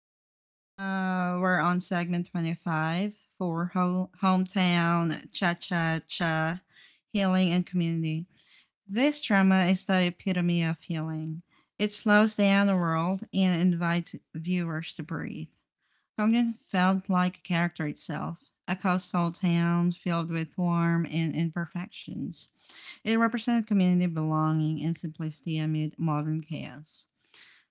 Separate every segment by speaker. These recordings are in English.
Speaker 1: now we're on segment 25 for Hometown Cha Cha Cha Healing and Community. This drama is the epitome of healing. It slows down the world and invites viewers to breathe. Gongjin felt like a character itself, a coastal town filled with warmth and imperfections. It represented community belonging and simplicity amid modern chaos.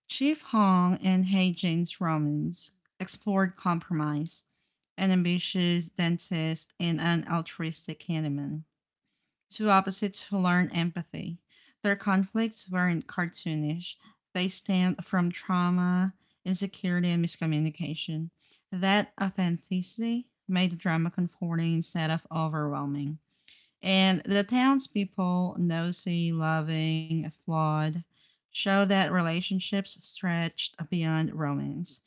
Speaker 1: Chief Hong and Hey Jane's romance explored compromise, an ambitious dentist and an altruistic handyman, two opposites who learn empathy. Their conflicts weren't cartoonish, they stemmed from trauma, insecurity, and miscommunication. That authenticity made the drama comforting instead of overwhelming. And the townspeople, nosy, loving, flawed, show that relationships stretched beyond romance.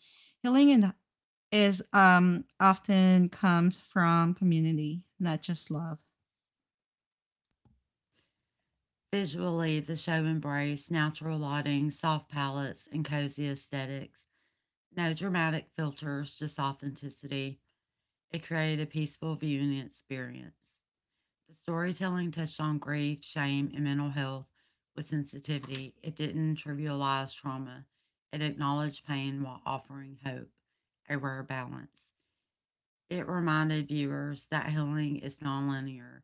Speaker 1: Healing is often comes from community, not just love.
Speaker 2: Visually, the show embraced natural lighting, soft palettes, and cozy aesthetics. No dramatic filters, just authenticity. It created a peaceful viewing experience. The storytelling touched on grief, shame, and mental health with sensitivity. It didn't trivialize trauma, it acknowledged pain while offering hope, a rare balance. It reminded viewers that healing is nonlinear.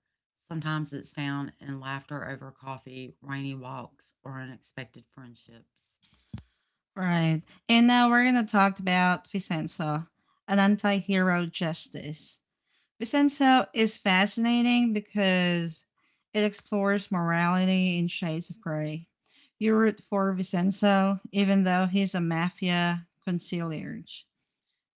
Speaker 2: Sometimes it's found in laughter over coffee, rainy walks, or unexpected friendships.
Speaker 1: Right. And now we're going to talk about Vicenzo, an anti hero justice. Vincenzo is fascinating because it explores morality in Shades of Grey. You root for Vincenzo, even though he's a mafia conciliarge.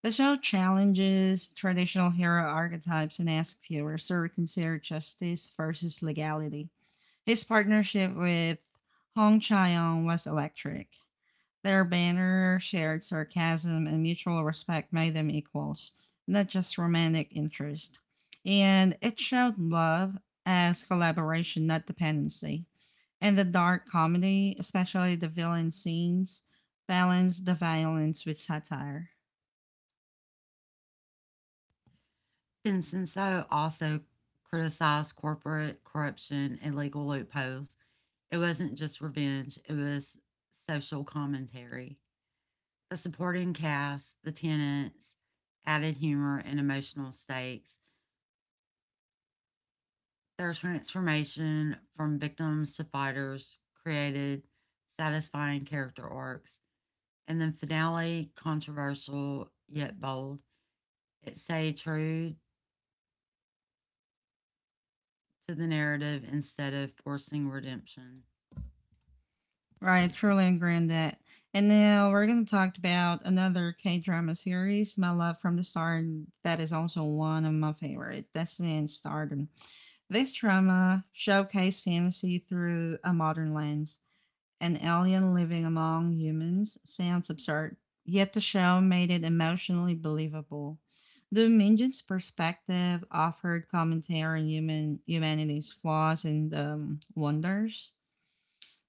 Speaker 1: The show challenges traditional hero archetypes and asks viewers to reconsider justice versus legality. His partnership with Hong Chae-young was electric. Their banner shared sarcasm and mutual respect made them equals, not just romantic interest. And it showed love as collaboration, not dependency. And the dark comedy, especially the villain scenes, balanced the violence with satire.
Speaker 2: Vincenzo also criticized corporate corruption and legal loopholes. It wasn't just revenge, it was social commentary. The supporting cast, the tenants, added humor and emotional stakes. Their transformation from victims to fighters created satisfying character arcs. And then finale, controversial yet bold, it stayed true to the narrative instead of forcing redemption.
Speaker 1: Right, truly agreeing that. And now we're going to talk about another K drama series, My Love from the Start. That is also one of my favorite. That's in Stardom. This drama showcased fantasy through a modern lens. An alien living among humans sounds absurd, yet the show made it emotionally believable. The Minjin's perspective offered commentary on human humanity's flaws and wonders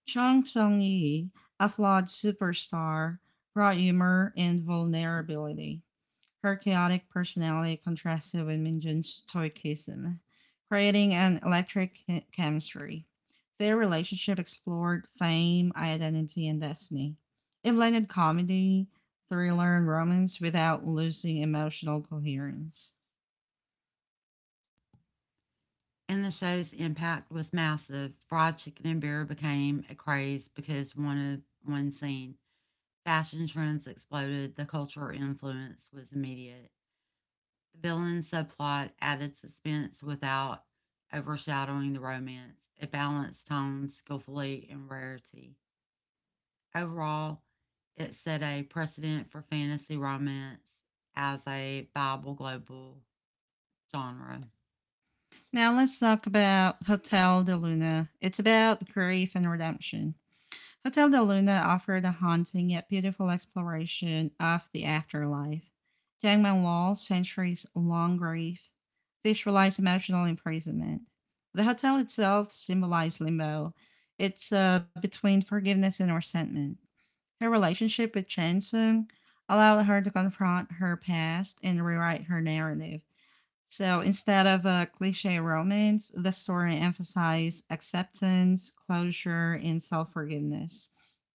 Speaker 1: Chung Sung-yi, a flawed superstar, brought humor and vulnerability. Her chaotic personality contrasted with Minjun's stoicism, creating an electric chemistry. Their relationship explored fame, identity, and destiny. It blended comedy, thriller, and romance without losing emotional coherence.
Speaker 2: And the show's impact was massive. Fried chicken and beer became a craze because one scene. Fashion trends exploded, the cultural influence was immediate. The villain subplot added suspense without overshadowing the romance. It balanced tone skillfully and rarity. Overall, it set a precedent for fantasy romance as a viable global genre.
Speaker 1: Now let's talk about Hotel de Luna. It's about grief and redemption. Hotel de Luna offered a haunting yet beautiful exploration of the afterlife. Jiang Manwal's centuries long grief visualized emotional imprisonment. The hotel itself symbolized limbo. It's between forgiveness and resentment. Her relationship with Chen Sung allowed her to confront her past and rewrite her narrative. So instead of a cliche romance, the story emphasized acceptance, closure, and self forgiveness.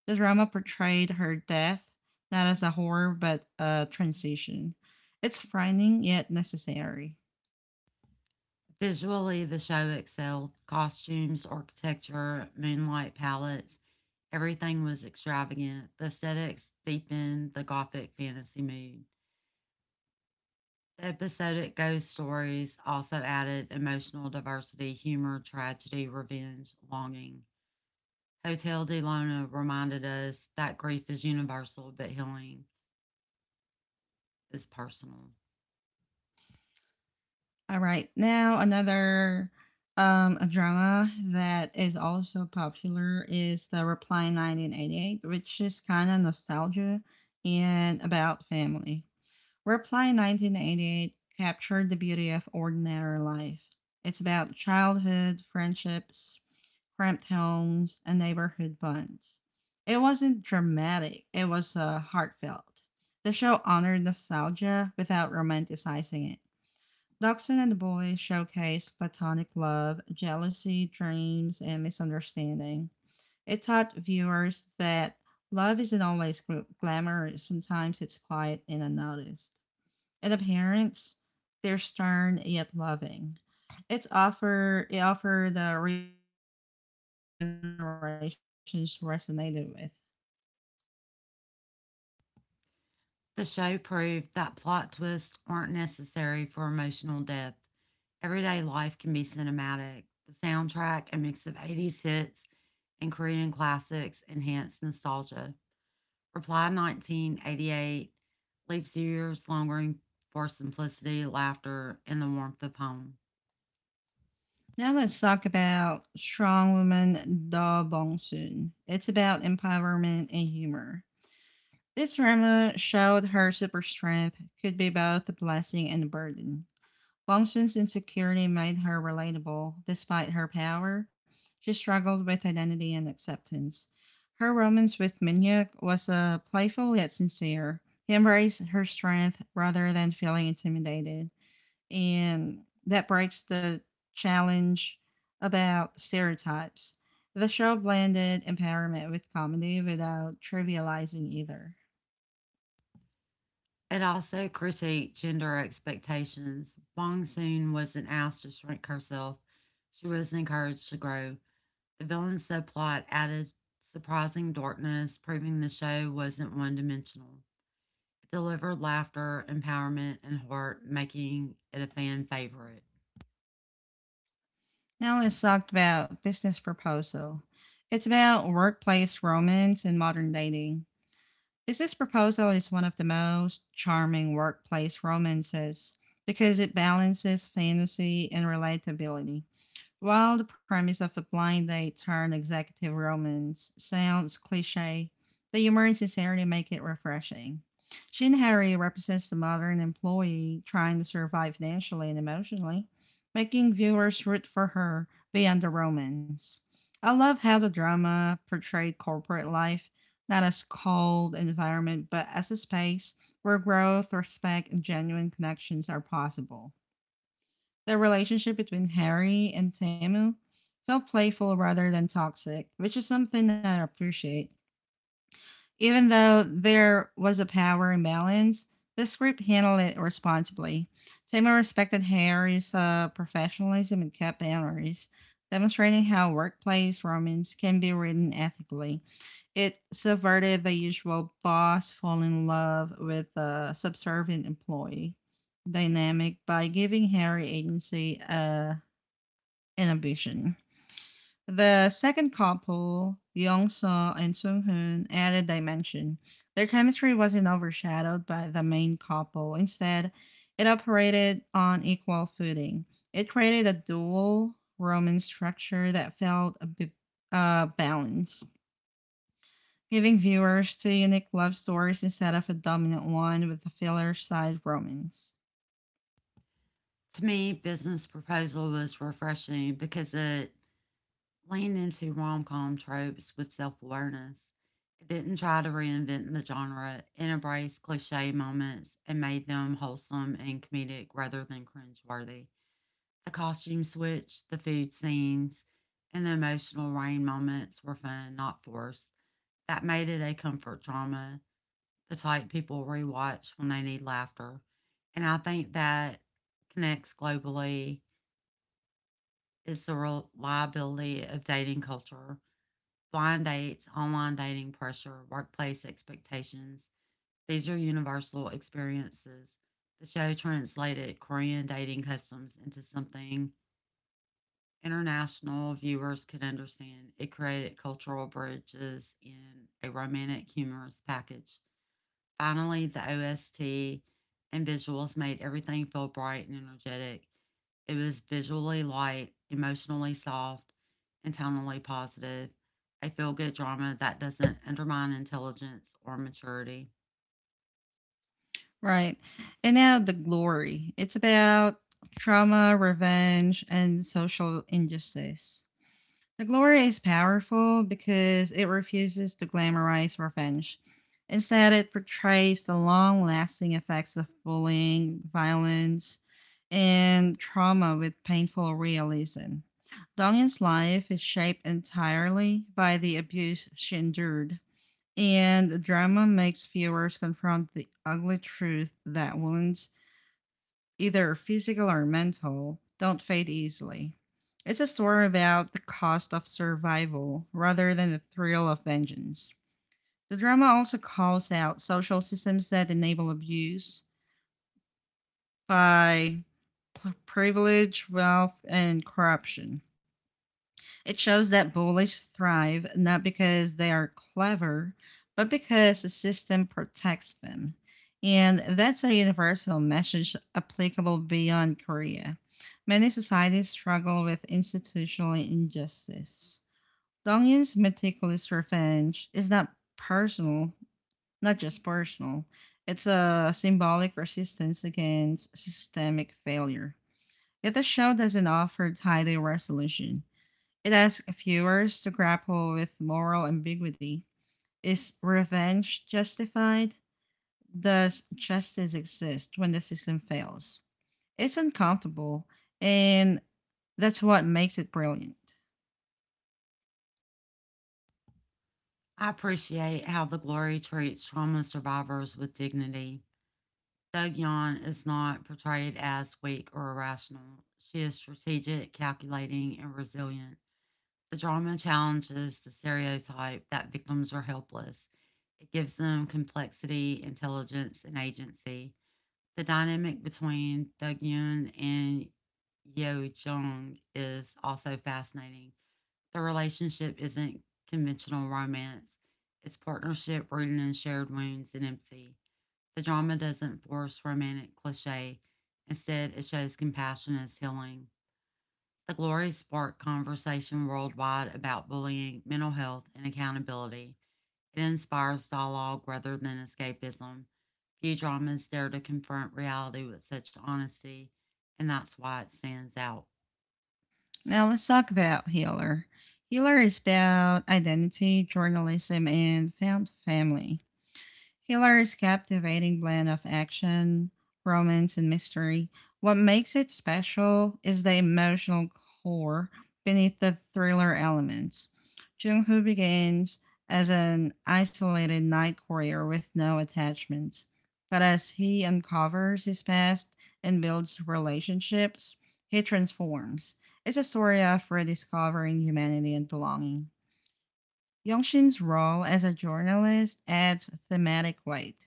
Speaker 1: The drama portrayed her death not as a horror but a transition. It's frightening yet necessary.
Speaker 2: Visually, the show excelled. Costumes, architecture, moonlight palettes, everything was extravagant. The aesthetics deepened the gothic fantasy mood. The episodic ghost stories also added emotional diversity, humor, tragedy, revenge, longing. Hotel de Luna reminded us that grief is universal, but healing is personal.
Speaker 1: All right, now another a drama that is also popular is The Reply 1988, which is kind of nostalgia and about family. Reply 1988 captured the beauty of ordinary life. It's about childhood, friendships, cramped homes, and neighborhood bonds. It wasn't dramatic, it was heartfelt. The show honored nostalgia without romanticizing it. Dachshund and the Boy showcased platonic love, jealousy, dreams, and misunderstanding. It taught viewers that love isn't always glamorous, sometimes it's quiet and unnoticed and appearance, they're stern yet loving. It offered the realism that older generations resonated with.
Speaker 2: The show proved that plot twists aren't necessary for emotional depth. Everyday life can be cinematic. The soundtrack, a mix of 80s hits and Korean classics, enhanced nostalgia. Reply 1988 leaves years longing for simplicity, laughter, and the warmth of home.
Speaker 1: Now let's talk about Strong Woman Da Bong Soon. It's about empowerment and humor. This drama showed her super strength could be both a blessing and a burden. Wongsun's insecurity made her relatable. Despite her power, she struggled with identity and acceptance. Her romance with Minyuk was playful yet sincere. He embraced her strength rather than feeling intimidated, and that breaks the challenge about stereotypes. The show blended empowerment with comedy without trivializing either.
Speaker 2: It also critiqued gender expectations. Bong Soon wasn't asked to shrink herself, she was encouraged to grow. The villain's subplot added surprising darkness, proving the show wasn't one dimensional. It delivered laughter, empowerment, and heart, making it a fan favorite.
Speaker 1: Now let's talk about business proposal. It's about workplace romance and modern dating. Business proposal is one of the most charming workplace romances because it balances fantasy and relatability. While the premise of a blind date turned executive romance sounds cliche, the humor and sincerity make it refreshing. Shin Harry represents the modern employee trying to survive financially and emotionally, making viewers root for her beyond the romance. I love how the drama portrayed corporate life not as a cold environment but as a space where growth, respect, and genuine connections are possible. The relationship between Harry and Tamu felt playful rather than toxic, which is something I appreciate. Even though there was a power imbalance, this group handled it responsibly. Seymour respected Harry's professionalism and kept boundaries, demonstrating how workplace romance can be written ethically. It subverted the usual boss fall in love with a subservient employee dynamic by giving Harry agency and ambition. The second couple, Young Soo and Sung Hoon, added dimension. Their chemistry wasn't overshadowed by the main couple. Instead, it operated on equal footing. It created a dual romance structure that felt a bit balanced, giving viewers two unique love stories instead of a dominant one with the filler side romance.
Speaker 2: To me, Business Proposal was refreshing because it leaned into rom com tropes with self awareness. It didn't try to reinvent the genre, it embraced cliche moments and made them wholesome and comedic rather than cringeworthy. The costume switch, the food scenes, and the emotional rain moments were fun, not forced. That made it a comfort drama, the type people rewatch when they need laughter. And I think that connects globally is the reliability of dating culture, blind dates, online dating pressure, workplace expectations. These are universal experiences. The show translated Korean dating customs into something international viewers could understand. It created cultural bridges in a romantic, humorous package. Finally, the OST and visuals made everything feel bright and energetic. It was visually light, emotionally soft, and tonally positive. A feel good drama that doesn't undermine intelligence or maturity.
Speaker 1: Right. And now the glory. It's about trauma, revenge, and social injustice. The glory is powerful because it refuses to glamorize revenge. Instead, it portrays the long lasting effects of bullying, violence, and trauma with painful realism. Dongyun's life is shaped entirely by the abuse she endured, and the drama makes viewers confront the ugly truth that wounds either physical or mental, don't fade easily. It's a story about the cost of survival rather than the thrill of vengeance. The drama also calls out social systems that enable abuse by privilege, wealth, and corruption. It shows that bullies thrive not because they are clever, but because the system protects them. And that's a universal message applicable beyond Korea. Many societies struggle with institutional injustice. Dongyun's meticulous revenge is not personal, not just personal. It's a symbolic resistance against systemic failure. Yet the show doesn't offer tidy resolution. It asks viewers to grapple with moral ambiguity. Is revenge justified? Does justice exist when the system fails? It's uncomfortable, and that's what makes it brilliant.
Speaker 2: I appreciate how the glory treats trauma survivors with dignity. Doug Yon is not portrayed as weak or irrational. She is strategic, calculating, and resilient. The drama challenges the stereotype that victims are helpless. It gives them complexity, intelligence, and agency. The dynamic between Doug Yoon and Yeo Jung is also fascinating. The relationship isn't conventional romance, it's partnership rooted in shared wounds and empathy. The drama doesn't force romantic cliche, instead, it shows compassion as healing. The glory sparked conversation worldwide about bullying, mental health, and accountability. It inspires dialogue rather than escapism. Few dramas dare to confront reality with such honesty, and that's why it stands out.
Speaker 1: Now let's talk about Healer. Healer is about identity, journalism, and found family. Hiller's captivating blend of action, romance, and mystery. What makes it special is the emotional core beneath the thriller elements. Jung Hoo begins as an isolated night courier with no attachments, but as he uncovers his past and builds relationships, he transforms. It's a story of rediscovering humanity and belonging. Yongshin's role as a journalist adds thematic weight.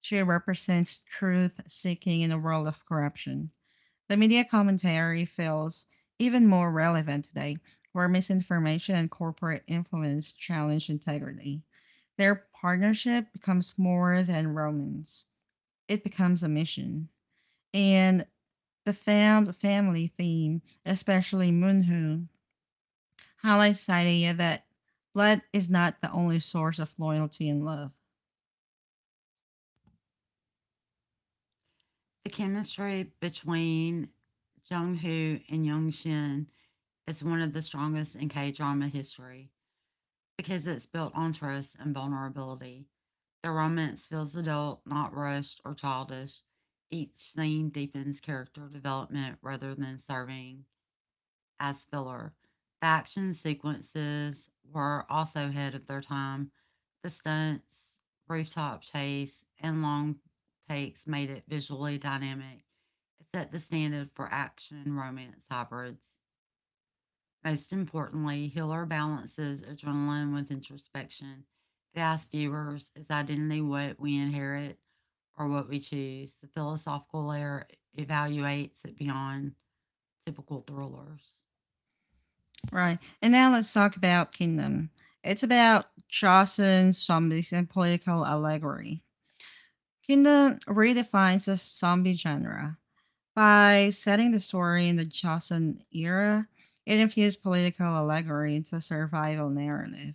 Speaker 1: She represents truth seeking in a world of corruption. The media commentary feels even more relevant today, where misinformation and corporate influence challenge integrity. Their partnership becomes more than romance, it becomes a mission. And the found family theme, especially Moonho, highlights the idea that blood is not the only source of loyalty and love.
Speaker 2: The chemistry between Jung Hoo and Young Shin is one of the strongest in K drama history. Because it's built on trust and vulnerability. The romance feels adult, not rushed or childish. Each scene deepens character development rather than serving as filler. The action sequences were also ahead of their time. The stunts, rooftop chase, and long takes made it visually dynamic. It set the standard for action romance hybrids. Most importantly, Hiller balances adrenaline with introspection. It asks viewers, is identity what we inherit or what we choose? The philosophical layer evaluates it beyond typical thrillers.
Speaker 1: Right. And now let's talk about Kingdom. It's about Chaucer's zombies and political allegory. Kingdom redefines the zombie genre. By setting the story in the Chaucer era, it infused political allegory into a survival narrative.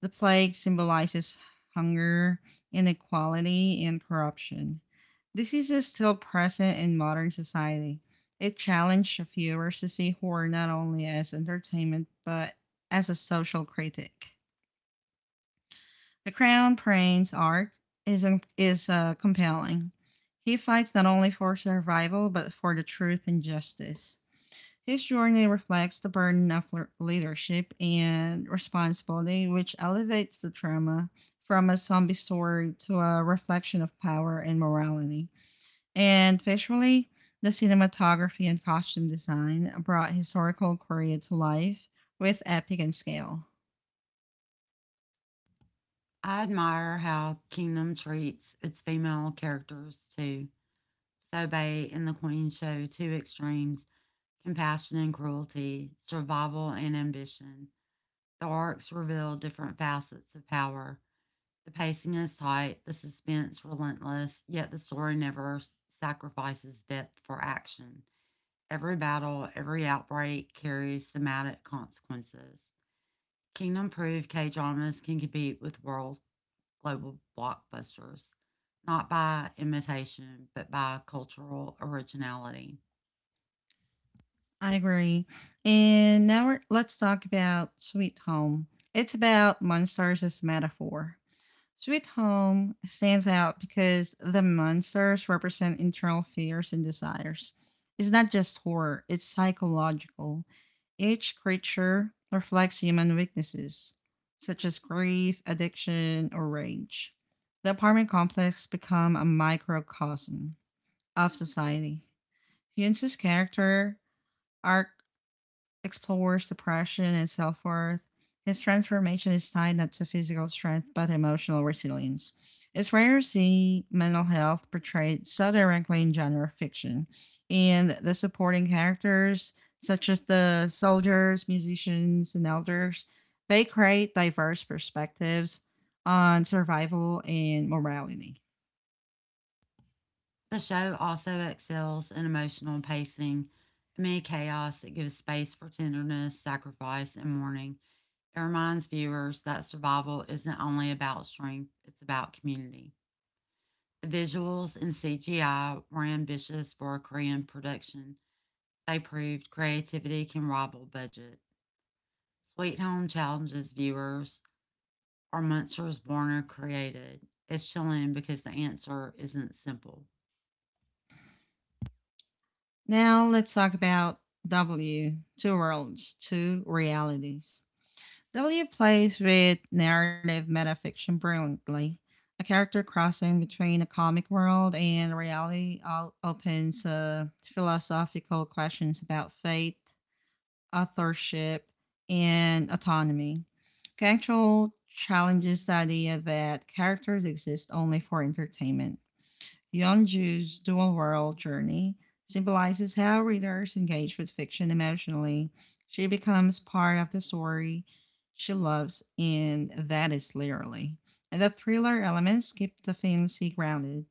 Speaker 1: The plague symbolizes hunger, inequality, and corruption. Disease is still present in modern society. It challenged viewers to see horror not only as entertainment but as a social critic. The Crown prince's arc is, is compelling. He fights not only for survival but for the truth and justice. His journey reflects the burden of leadership and responsibility, which elevates the drama from a zombie story to a reflection of power and morality. And visually, the cinematography and costume design brought historical Korea to life with epic and scale.
Speaker 2: I admire how Kingdom treats its female characters too. Sobei and the Queen show two extremes, compassion and cruelty, survival and ambition. The arcs reveal different facets of power. The pacing is tight, the suspense relentless, yet the story never sacrifices depth for action. Every battle, every outbreak carries thematic consequences. Kingdom proved K dramas can compete with world global blockbusters, not by imitation, but by cultural originality.
Speaker 1: I agree. Let's talk about Sweet Home. It's about monsters as metaphor. Sweet Home stands out because the monsters represent internal fears and desires. It's not just horror, it's psychological. Each creature reflects human weaknesses, such as grief, addiction, or rage. The apartment complex becomes a microcosm of society. Hyunsu's character arc explores depression and self worth. His transformation is tied not to physical strength but emotional resilience. It's rare to see mental health portrayed so directly in genre fiction, and the supporting characters, such as the soldiers, musicians, and elders, they create diverse perspectives on survival and morality.
Speaker 2: The show also excels in emotional pacing. Amid chaos, it gives space for tenderness, sacrifice, and mourning. It reminds viewers that survival isn't only about strength, it's about community. The visuals and CGI were ambitious for a Korean production. They proved creativity can rival budget. Sweet Home challenges viewers, are monsters Warner created. It's chilling because the answer isn't simple.
Speaker 1: Now, let's talk about W Two Worlds, Two Realities. W plays with narrative metafiction brilliantly. A character crossing between a comic world and reality all opens philosophical questions about fate, authorship, and autonomy. Control challenges the idea that characters exist only for entertainment. Young Ju's dual world journey symbolizes how readers engage with fiction emotionally. She becomes part of the story she loves, and that is literally. And the thriller elements keep the fantasy grounded.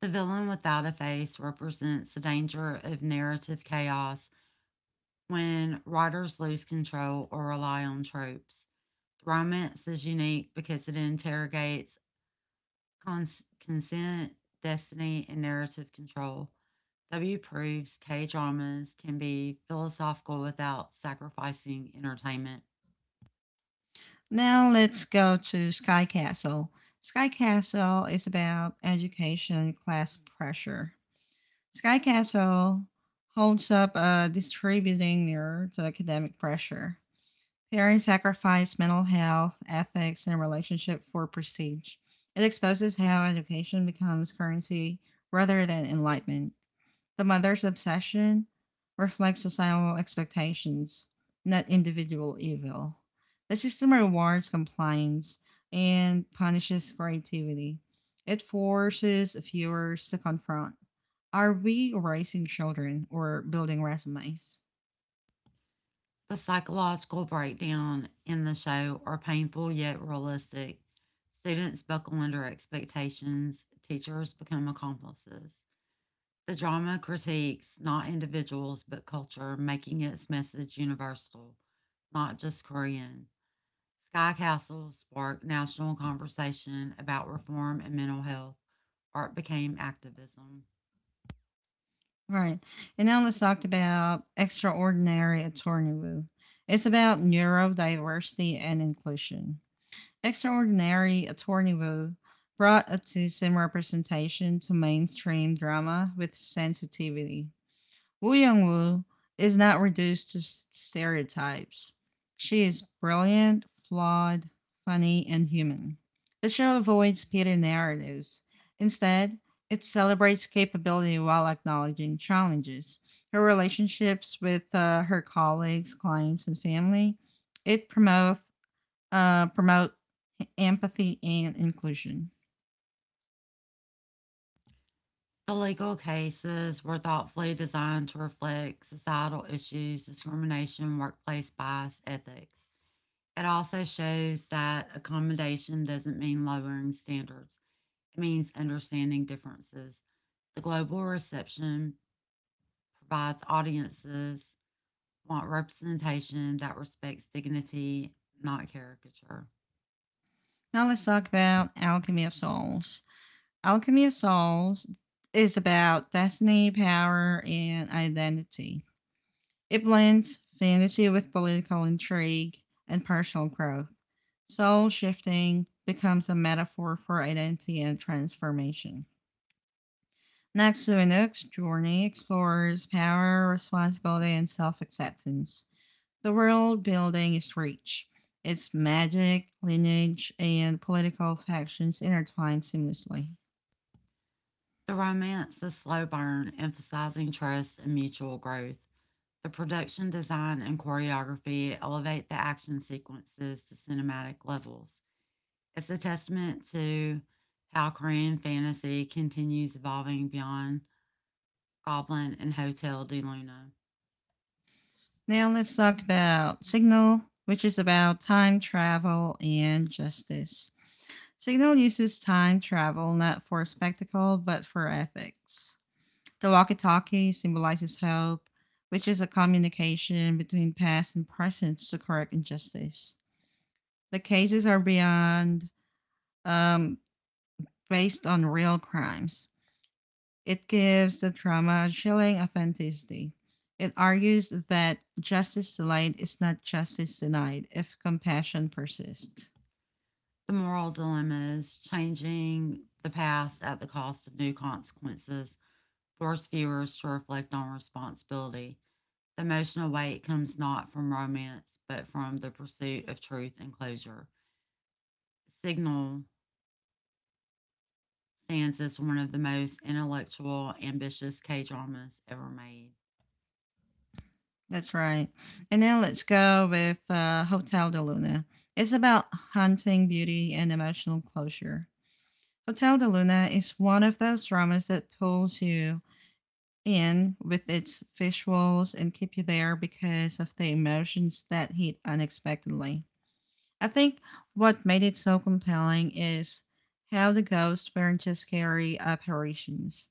Speaker 2: The villain without a face represents the danger of narrative chaos when writers lose control or rely on tropes. Romance is unique because it interrogates consent, destiny, and narrative control. W proves K dramas can be philosophical without sacrificing entertainment.
Speaker 1: Now let's go to Sky Castle. Sky Castle is about education and class pressure. Sky Castle holds up a distributing mirror to academic pressure. Perry sacrificed mental health, ethics, and relationship for prestige. It exposes how education becomes currency rather than enlightenment. The mother's obsession reflects societal expectations, not individual evil. The system rewards compliance and punishes creativity. It forces viewers to confront are we raising children or building resumes?
Speaker 2: The psychological breakdown in the show are painful yet realistic. Students buckle under expectations, teachers become accomplices. The drama critiques not individuals but culture, making its message universal, not just Korean. Sky Castle sparked national conversation about reform and mental health. Art became activism.
Speaker 1: Right. And now let's talk about Extraordinary Attorney Woo. It's about neurodiversity and inclusion. Extraordinary Attorney Woo brought autism representation to mainstream drama with sensitivity. Woo Young Woo is not reduced to stereotypes. She is brilliant, flawed, funny, and human. The show avoids Peter narratives. Instead, it celebrates capability while acknowledging challenges. Her relationships with her colleagues, clients, and family. It promotes promote empathy and inclusion.
Speaker 2: The legal cases were thoughtfully designed to reflect societal issues, discrimination, workplace bias, ethics. It also shows that accommodation doesn't mean lowering standards, it means understanding differences. The global reception provides audiences want representation that respects dignity, not caricature.
Speaker 1: Now let's talk about Alchemy of Souls. Alchemy of Souls is about destiny, power, and identity. It blends fantasy with political intrigue and personal growth. Soul shifting becomes a metaphor for identity and transformation. Next to Inuk's journey explores power, responsibility, and self acceptance. The world building is rich. Its magic, lineage, and political factions intertwine seamlessly.
Speaker 2: The romance is slow burn, emphasizing trust and mutual growth. The production design and choreography elevate the action sequences to cinematic levels. It's a testament to how Korean fantasy continues evolving beyond Goblin and Hotel de Luna.
Speaker 1: Now let's talk about Signal, which is about time travel and justice. Signal uses time travel not for spectacle but for ethics. The walkie talkie symbolizes hope, which is a communication between past and present to correct injustice. The cases are beyond um, based on real crimes. It gives the drama a chilling authenticity. It argues that justice delayed is not justice denied if compassion persists.
Speaker 2: The moral dilemma is changing the past at the cost of new consequences, force viewers to reflect on responsibility. The emotional weight comes not from romance, but from the pursuit of truth and closure. Signal stands as one of the most intellectual, ambitious K dramas ever made.
Speaker 1: That's right. And now let's go with Hotel de Luna. It's about haunting beauty and emotional closure. Hotel de Luna is one of those dramas that pulls you in with its visuals and keep you there because of the emotions that hit unexpectedly. I think what made it so compelling is how the ghosts weren't just scary apparitions.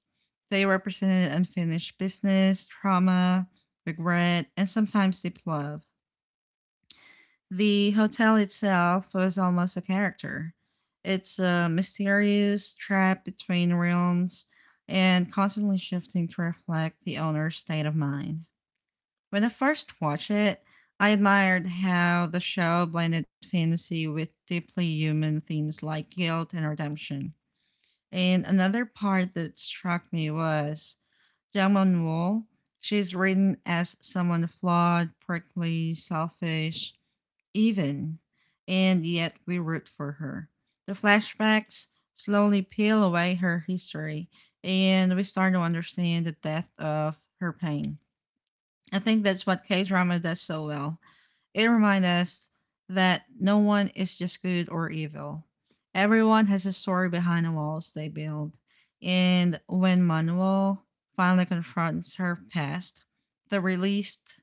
Speaker 1: They represented unfinished business, trauma, regret, and sometimes deep love. The hotel itself was almost a character. It's a mysterious trap between realms and constantly shifting to reflect the owner's state of mind. When I first watched it, I admired how the show blended fantasy with deeply human themes like guilt and redemption. And another part that struck me was Jang Mon Woo. She's written as someone flawed, prickly, selfish, even, and yet we root for her. The flashbacks slowly peel away her history, and we start to understand the depth of her pain. I think that's what K drama does so well. It reminds us that no one is just good or evil. Everyone has a story behind the walls they build. And when Manuel finally confronts her past, the released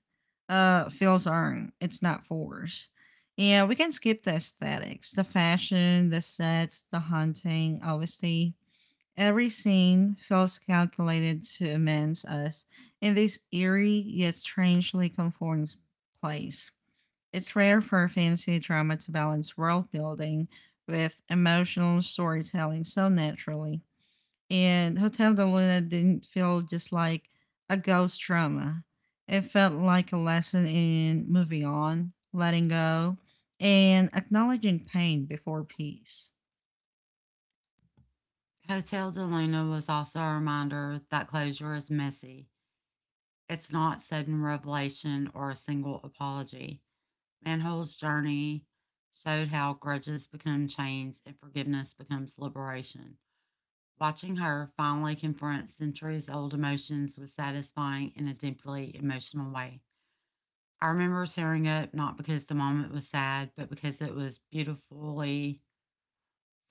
Speaker 1: feels earned. It's not forced. Yeah, we can skip the aesthetics, the fashion, the sets, the hunting, obviously. Every scene feels calculated to immense us in this eerie yet strangely comforting place. It's rare for fantasy drama to balance world building with emotional storytelling so naturally. And Hotel de Luna didn't feel just like a ghost drama. It felt like a lesson in moving on, letting go, and acknowledging pain before peace.
Speaker 2: Hotel de Luna was also a reminder that closure is messy. It's not sudden revelation or a single apology. Manhole's journey showed how grudges become chains and forgiveness becomes liberation. Watching her finally confront centuries old emotions was satisfying in a deeply emotional way. I remember tearing up not because the moment was sad, but because it was beautifully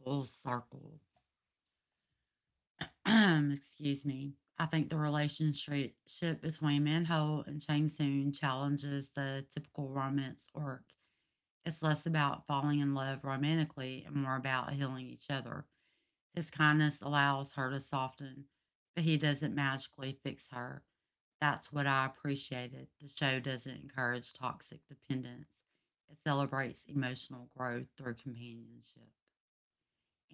Speaker 2: full circle. Excuse me. I think the relationship between Manhole and Chang Soon challenges the typical romance arc. It's less about falling in love romantically and more about healing each other. His kindness allows her to soften, but he doesn't magically fix her. That's what I appreciated. The show doesn't encourage toxic dependence, it celebrates emotional growth through companionship.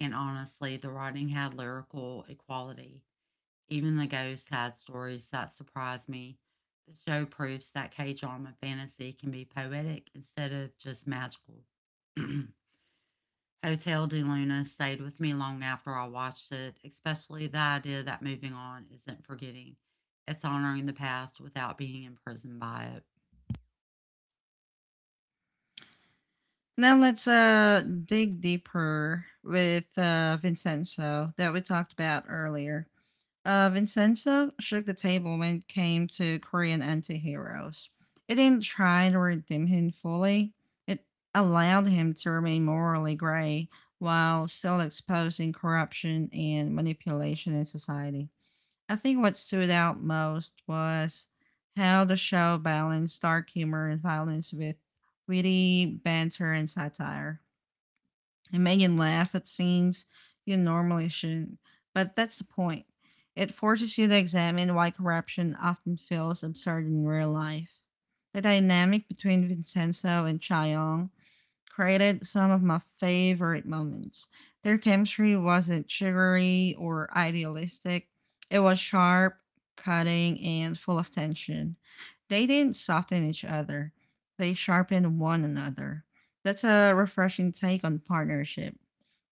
Speaker 2: And honestly, the writing had lyrical equality. Even the ghosts had stories that surprised me. The show proves that K drama fantasy can be poetic instead of just magical. Hotel de Luna stayed with me long after I watched it, especially the idea that moving on isn't forgetting. It's honoring the past without being imprisoned by it.
Speaker 1: Now let's dig deeper with Vincenzo that we talked about earlier. Vincenzo shook the table when it came to Korean anti-heroes. It didn't try to redeem him fully. It allowed him to remain morally gray while still exposing corruption and manipulation in society. I think what stood out most was how the show balanced dark humor and violence with witty banter and satire, and Megan laugh at scenes you normally shouldn't. But that's the point. It forces you to examine why corruption often feels absurd in real life. The dynamic between Vincenzo and Chaeyoung created some of my favorite moments. Their chemistry wasn't sugary or idealistic, it was sharp, cutting, and full of tension. They didn't soften each other, they sharpened one another. That's a refreshing take on partnership.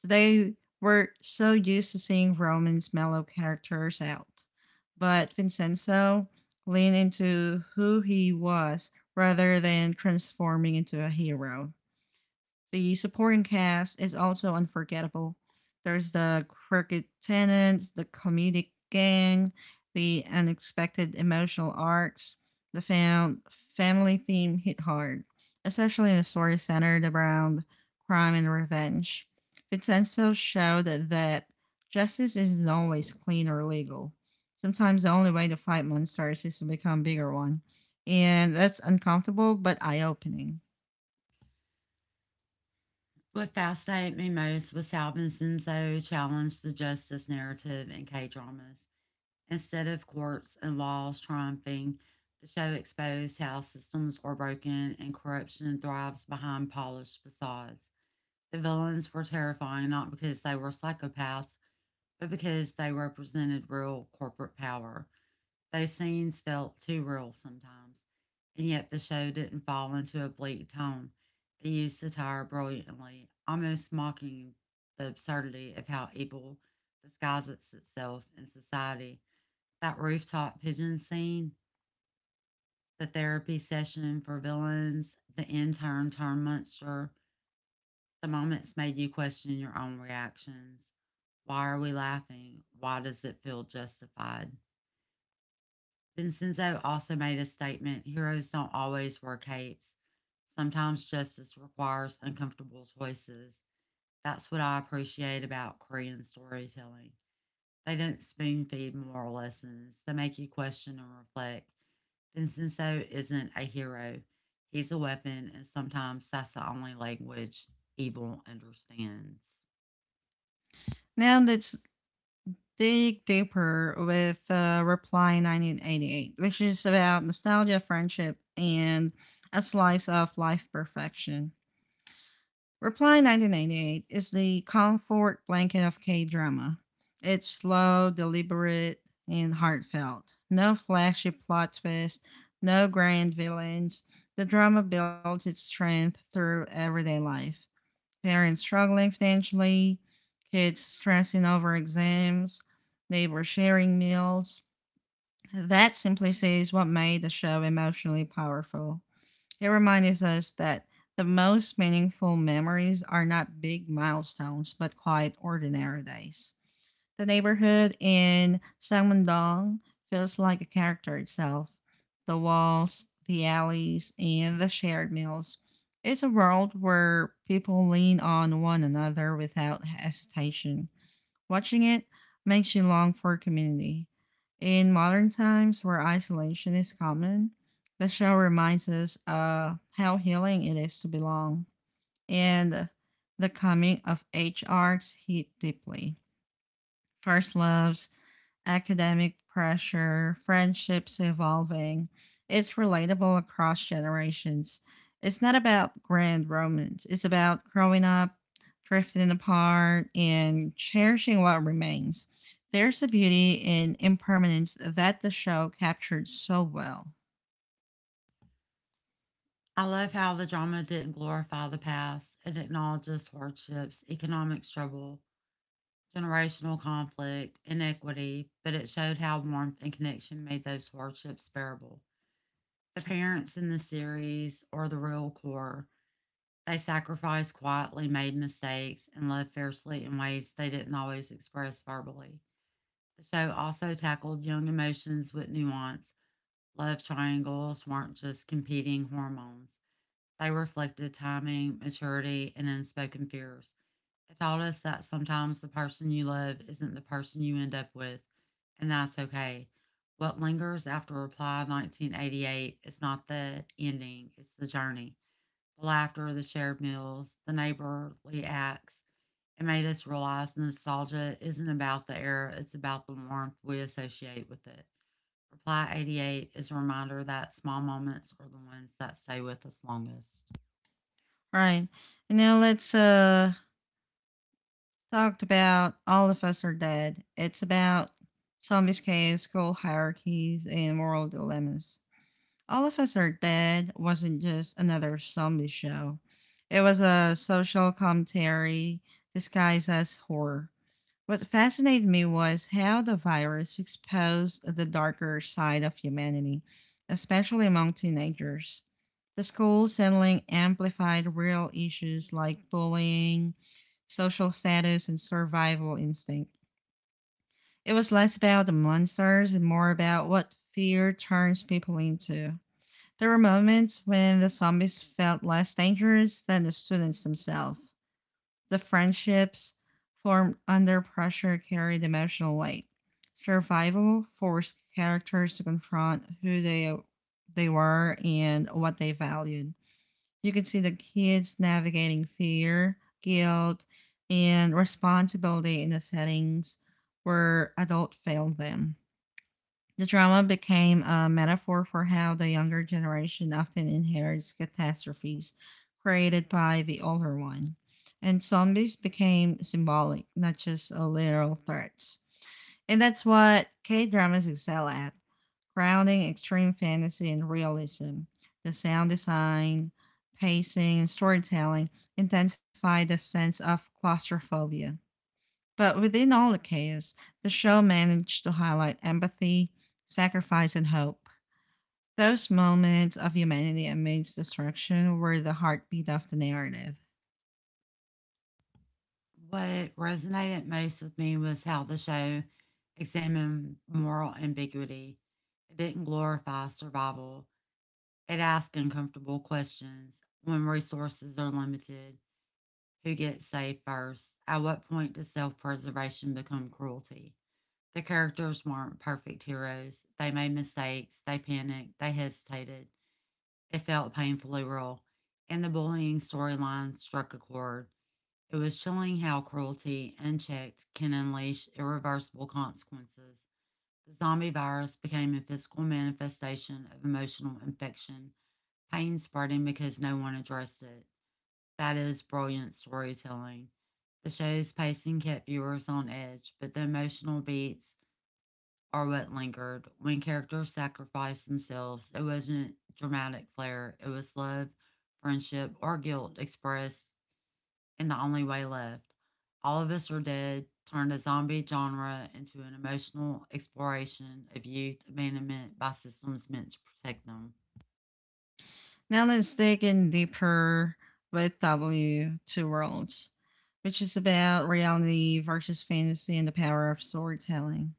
Speaker 1: Today, we're so used to seeing Roman's mellow characters out, but Vincenzo leaned into who he was rather than transforming into a hero. The supporting cast is also unforgettable. There's the crooked tenants, the comedic gang, the unexpected emotional arcs. The found family theme hit hard, especially in a story centered around crime and revenge. Vincenzo showed that justice isn't always clean or legal. Sometimes the only way to fight monsters is to become a bigger one. And that's uncomfortable but eye opening.
Speaker 2: What fascinated me most was how Vincenzo challenged the justice narrative in K dramas. Instead of courts and laws triumphing, the show exposed how systems are broken and corruption thrives behind polished facades. The villains were terrifying not because they were psychopaths, but because they represented real corporate power. Those scenes felt too real sometimes, and yet the show didn't fall into a bleak tone. It used satire brilliantly, almost mocking the absurdity of how evil disguises itself in society. That rooftop pigeon scene, the therapy session for villains, the intern turned monster, the moments made you question your own reactions. Why are we laughing? Why does it feel justified? Vincenzo also made a statement, heroes don't always wear capes. Sometimes justice requires uncomfortable choices. That's what I appreciate about Korean storytelling. They don't spoon feed moral lessons, they make you question and reflect. Vincenzo isn't a hero, he's a weapon, and sometimes that's the only language evil understands.
Speaker 1: Now let's dig deeper with Reply 1988, which is about nostalgia, friendship, and a slice of life perfection. Reply 1988 is the comfort blanket of K drama. It's slow, deliberate, and heartfelt. No flashy plot twist, no grand villains. The drama builds its strength through everyday life: parents struggling financially, kids stressing over exams, neighbors sharing meals. That simplicity is what made the show emotionally powerful. It reminds us that the most meaningful memories are not big milestones, but quite ordinary days. The neighborhood in Sangmundong feels like a character itself. The walls, the alleys, and the shared meals. It's a world where people lean on one another without hesitation. Watching it makes you long for community. In modern times where isolation is common, the show reminds us how healing it is to belong, and the coming of age arcs hit deeply: first loves, academic pressure, friendships evolving. It's relatable across generations. It's not about grand romance, it's about growing up, drifting apart, and cherishing what remains. There's a beauty in impermanence that the show captured so well.
Speaker 2: I love how the drama didn't glorify the past. It acknowledges hardships, economic struggle, generational conflict, inequity, but it showed how warmth and connection made those hardships bearable. The parents in the series are the real core. They sacrificed quietly, made mistakes, and loved fiercely in ways they didn't always express verbally. The show also tackled young emotions with nuance. Love triangles weren't just competing hormones, they reflected timing, maturity, and unspoken fears. It taught us that sometimes the person you love isn't the person you end up with, and that's okay. What lingers after Reply 1988 is not the ending, it's the journey. The laughter, the shared meals, the neighborly acts. It made us realize nostalgia isn't about the era, it's about the warmth we associate with it. Reply 88 is a reminder that small moments are the ones that stay with us longest.
Speaker 1: Right. And now let's talked about all of us are dead. It's about zombies, chaos, school hierarchies, and moral dilemmas. All of Us Are Dead wasn't just another zombie show. It was a social commentary disguised as horror. What fascinated me was how the virus exposed the darker side of humanity, especially among teenagers. The school settling amplified real issues like bullying, social status, and survival instinct. It was less about the monsters and more about what fear turns people into. There were moments when the zombies felt less dangerous than the students themselves. The friendships formed under pressure carried emotional weight. Survival forced characters to confront who they were and what they valued. You could see the kids navigating fear, guilt, and responsibility in the settings where adults failed them. The drama became a metaphor for how the younger generation often inherits catastrophes created by the older one. And zombies became symbolic, not just a literal threat. And that's what K dramas excel at: grounding extreme fantasy and realism. The sound design, pacing, and storytelling intensify the sense of claustrophobia. But within all the chaos, the show managed to highlight empathy, sacrifice, and hope. Those moments of humanity amidst destruction were the heartbeat of the narrative.
Speaker 2: What resonated most with me was how the show examined moral ambiguity. It didn't glorify survival, it asked uncomfortable questions. When resources are limited, who gets saved first? At what point does self preservation become cruelty? The characters weren't perfect heroes. They made mistakes, they panicked, they hesitated. It felt painfully real. And the bullying storyline struck a chord. It was chilling how cruelty, unchecked, can unleash irreversible consequences. The zombie virus became a physical manifestation of emotional infection, pain spreading because no one addressed it. That is brilliant storytelling. The show's pacing kept viewers on edge, but the emotional beats are what lingered. When characters sacrificed themselves, it wasn't dramatic flair, it was love, friendship, or guilt expressed and the only way left. All of Us Are Dead turned a zombie genre into an emotional exploration of youth abandonment by systems meant to protect them.
Speaker 1: Now let's dig in deeper with W Two Worlds, which is about reality versus fantasy and the power of storytelling.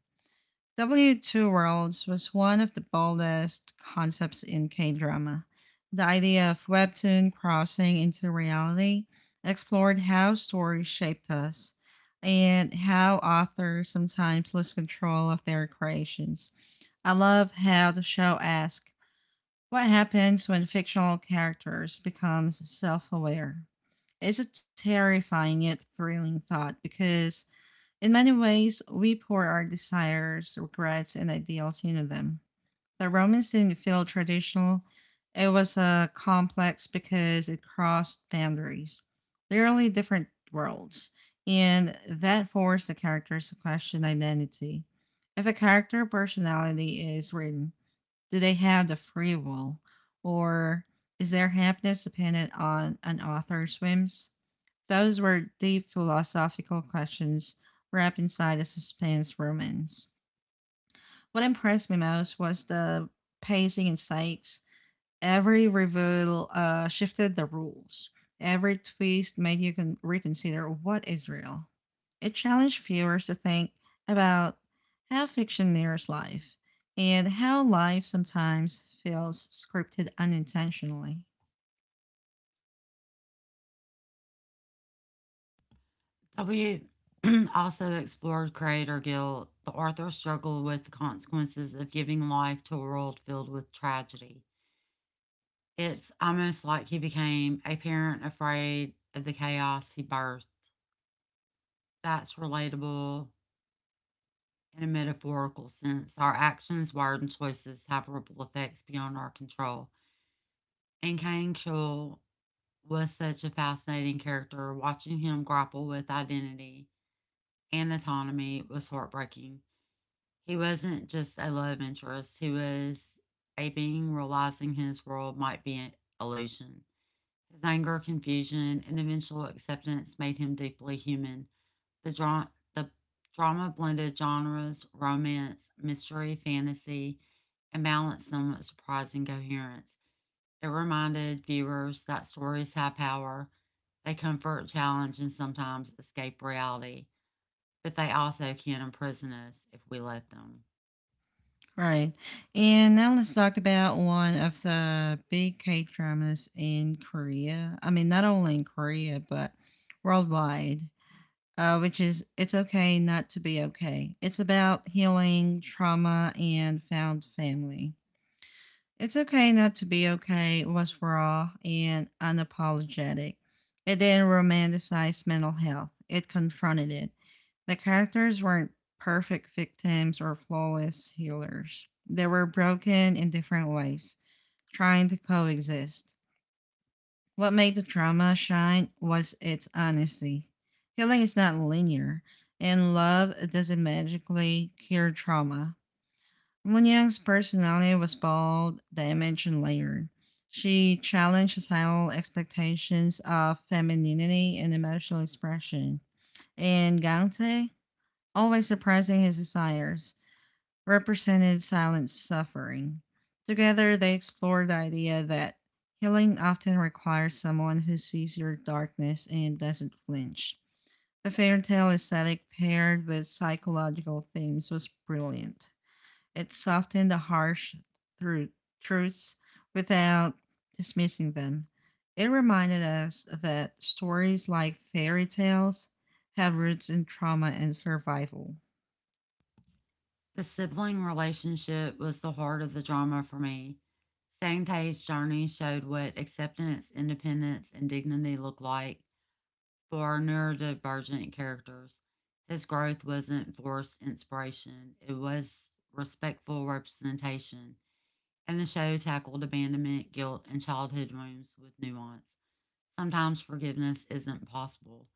Speaker 1: W2 Worlds was one of the boldest concepts in K drama. The idea of webtoon crossing into reality explored how stories shaped us and how authors sometimes lose control of their creations. I love how the show asks what happens when fictional characters become self aware. It's a terrifying yet thrilling thought because in many ways, we pour our desires, regrets, and ideals into them. The Romans didn't feel traditional, it was a complex because it crossed boundaries, literally different worlds, and that forced the characters to question identity. If a character personality is written, do they have the free will? Or is their happiness dependent on an author's whims? Those were deep philosophical questions wrapped inside a suspense romance. What impressed me most was the pacing and stakes. Every reveal shifted the rules. Every twist made you reconsider what is real. It challenged viewers to think about how fiction mirrors life and how life sometimes feels scripted unintentionally.
Speaker 2: W also explored creator guilt. The author struggled with the consequences of giving life to a world filled with tragedy. It's almost like he became a parent afraid of the chaos he birthed. That's relatable in a metaphorical sense. Our actions, words, and choices have ripple effects beyond our control. And Kang Chul was such a fascinating character. Watching him grapple with identity and autonomy was heartbreaking. He wasn't just a love interest, he was a being realizing his world might be an illusion. His anger, confusion, and eventual acceptance made him deeply human. The, dra- the drama blended genres, romance, mystery, fantasy, and balance them with surprising coherence. It reminded viewers that stories have power. They comfort, challenge, and sometimes escape reality, but they also can imprison us if we let them.
Speaker 1: Right. And now let's talk about one of the big K dramas in Korea. I mean, not only in Korea, but worldwide. Which is It's Okay Not to Be Okay. It's about healing, trauma, and found family. It's Okay Not to Be Okay was raw and unapologetic. It didn't romanticize mental health, it confronted it. The characters weren't perfect victims or flawless healers, they were broken in different ways, trying to coexist. What made the drama shine was its honesty. Healing is not linear, and love doesn't magically cure trauma. Moon Young's personality was bold, damaged, and layered. She challenged societal expectations of femininity and emotional expression. And Gante, always suppressing his desires, represented silent suffering. Together, they explored the idea that healing often requires someone who sees your darkness and doesn't flinch. The fairy tale aesthetic paired with psychological themes was brilliant. It softened the harsh thru- truths without dismissing them. It reminded us that stories like fairy tales have roots in trauma and survival.
Speaker 2: The sibling relationship was the heart of the drama for me. Sang Tae's journey showed what acceptance, independence, and dignity look like for our neurodivergent characters. His growth wasn't forced inspiration, it was respectful representation and the show tackled abandonment, guilt, and childhood wounds with nuance. Sometimes forgiveness isn't possible.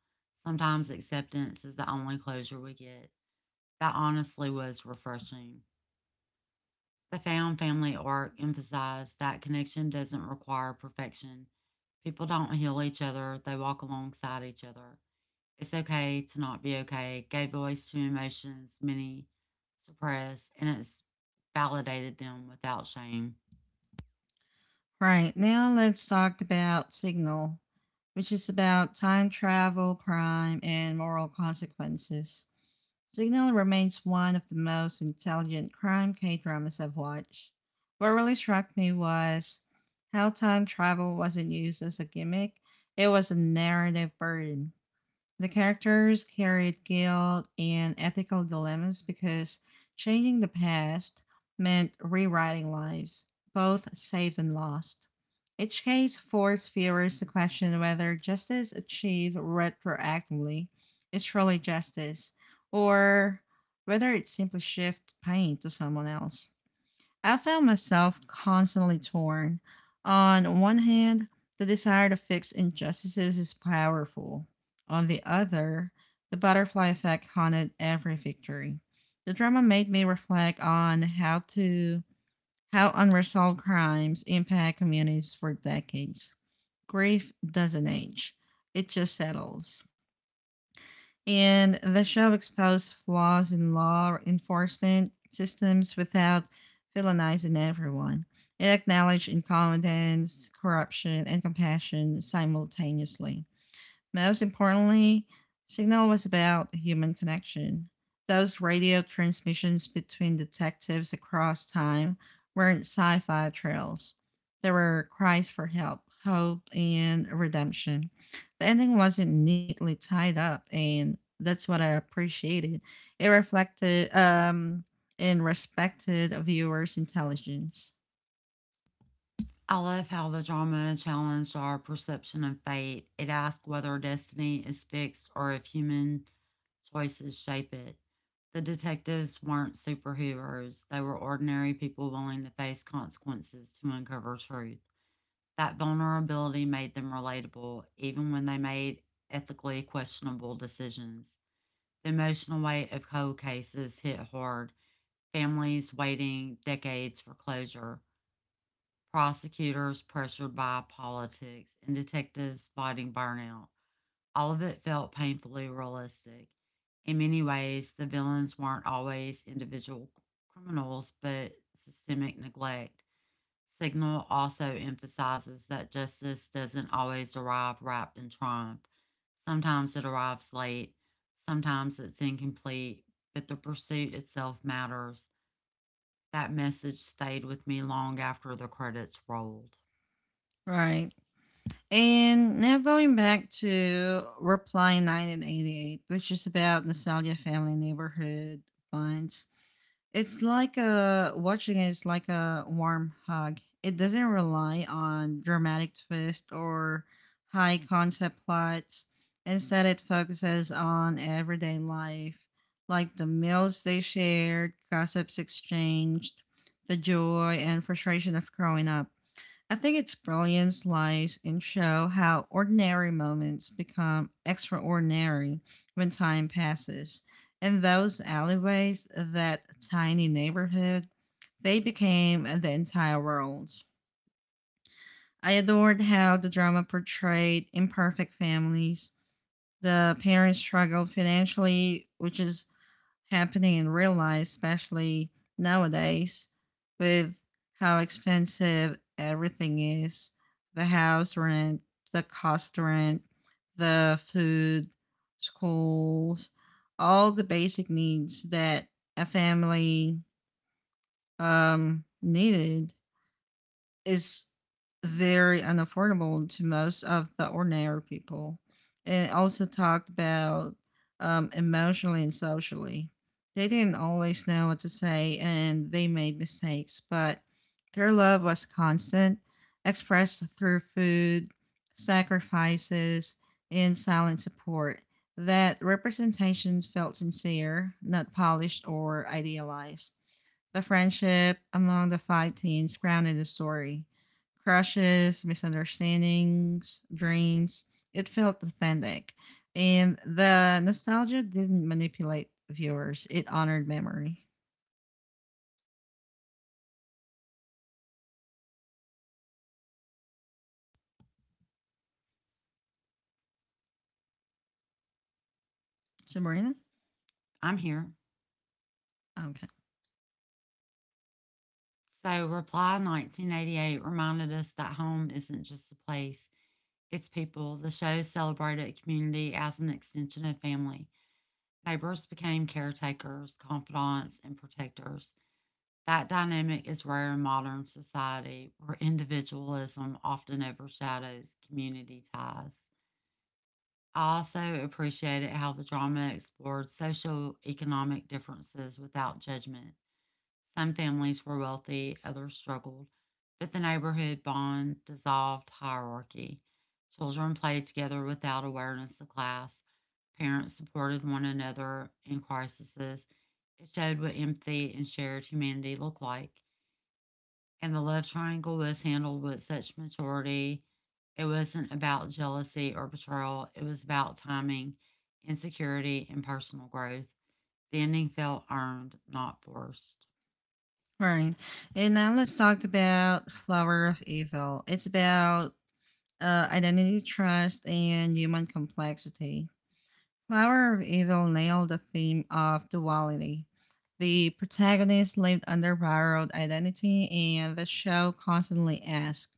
Speaker 2: Sometimes acceptance is the only closure we get. That honestly was refreshing. The found family arc emphasized that connection doesn't require perfection. People don't heal each other, they walk alongside each other. It's okay to not be okay, gave voice to emotions many suppress, and it's validated them without shame.
Speaker 1: Right, now let's talk about Signal, which is about time travel, crime, and moral consequences. Signal remains one of the most intelligent crime K dramas I've watched. What really struck me was how time travel wasn't used as a gimmick, it was a narrative burden. The characters carried guilt and ethical dilemmas because changing the past meant rewriting lives, both saved and lost. Each case forced viewers to question whether justice achieved retroactively is truly justice, or whether it simply shifts pain to someone else. I found myself constantly torn. On one hand, the desire to fix injustices is powerful. On the other, the butterfly effect haunted every victory. The drama made me reflect on how unresolved crimes impact communities for decades. Grief doesn't age. It just settles, and the show exposed flaws in law enforcement systems without villainizing everyone. It acknowledged incompetence, corruption, and compassion simultaneously. Most importantly, Signal was about human connection. Those radio transmissions between detectives across time weren't sci fi trails. They were cries for help, hope, and redemption. The ending wasn't neatly tied up, and that's what I appreciated. It reflected and respected a viewer's intelligence.
Speaker 2: I love how the drama challenged our perception of fate. It asked whether destiny is fixed or if human choices shape it. The detectives weren't superheroes, they were ordinary people willing to face consequences to uncover truth. That vulnerability made them relatable, even when they made ethically questionable decisions. The emotional weight of cold cases hit hard, families waiting decades for closure prosecutors pressured by politics, and detectives fighting burnout. All of it felt painfully realistic. In many ways, the villains weren't always individual criminals, but systemic neglect. Signal also emphasizes that justice doesn't always arrive wrapped in triumph. Sometimes it arrives late, sometimes it's incomplete, but the pursuit itself matters. That message stayed with me long after the credits rolled.
Speaker 1: Right. And now going back to Reply 1988, which is about nostalgia family neighborhood bonds. It's like a watching it is like a warm hug. It doesn't rely on dramatic twist or high concept plots. Instead, it focuses on everyday life, like the meals they shared, gossips exchanged, the joy and frustration of growing up. I think its brilliance lies in show how ordinary moments become extraordinary when time passes. In those alleyways, that tiny neighborhood, they became the entire world. I adored how the drama portrayed imperfect families. The parents struggled financially, which is happening in real life, especially nowadays, with how expensive everything is: the house rent, the cost rent, the food, schools, all the basic needs that a family needed is very unaffordable to most of the ordinary people. It also talked about emotionally and socially. They didn't always know what to say and they made mistakes, but their love was constant, expressed through food, sacrifices, and silent support. That representation felt sincere, not polished or idealized. The friendship among the five teens grounded the story. Crushes, misunderstandings, dreams. It felt authentic. And the nostalgia didn't manipulate viewers. It honored memory. So, Marina?
Speaker 2: I'm here.
Speaker 1: Okay.
Speaker 2: So, Reply 1988 reminded us that home isn't just a place, it's people. The show celebrated community as an extension of family. Neighbors became caretakers, confidants, and protectors. That dynamic is rare in modern society, where individualism often overshadows community ties. I also appreciated how the drama explored social economic differences without judgment. Some families were wealthy, others struggled, but the neighborhood bond dissolved hierarchy. Children played together without awareness of class. Parents supported one another in crises. It showed what empathy and shared humanity looked like. And the love triangle was handled with such maturity. It wasn't about jealousy or betrayal, it was about timing, insecurity, and personal growth. The ending felt earned, not forced.
Speaker 1: All right. And now let's talk about Flower of Evil. It's about identity, trust, and human complexity. Flower of Evil nailed the theme of duality. The protagonist lived under borrowed identity, and the show constantly asks,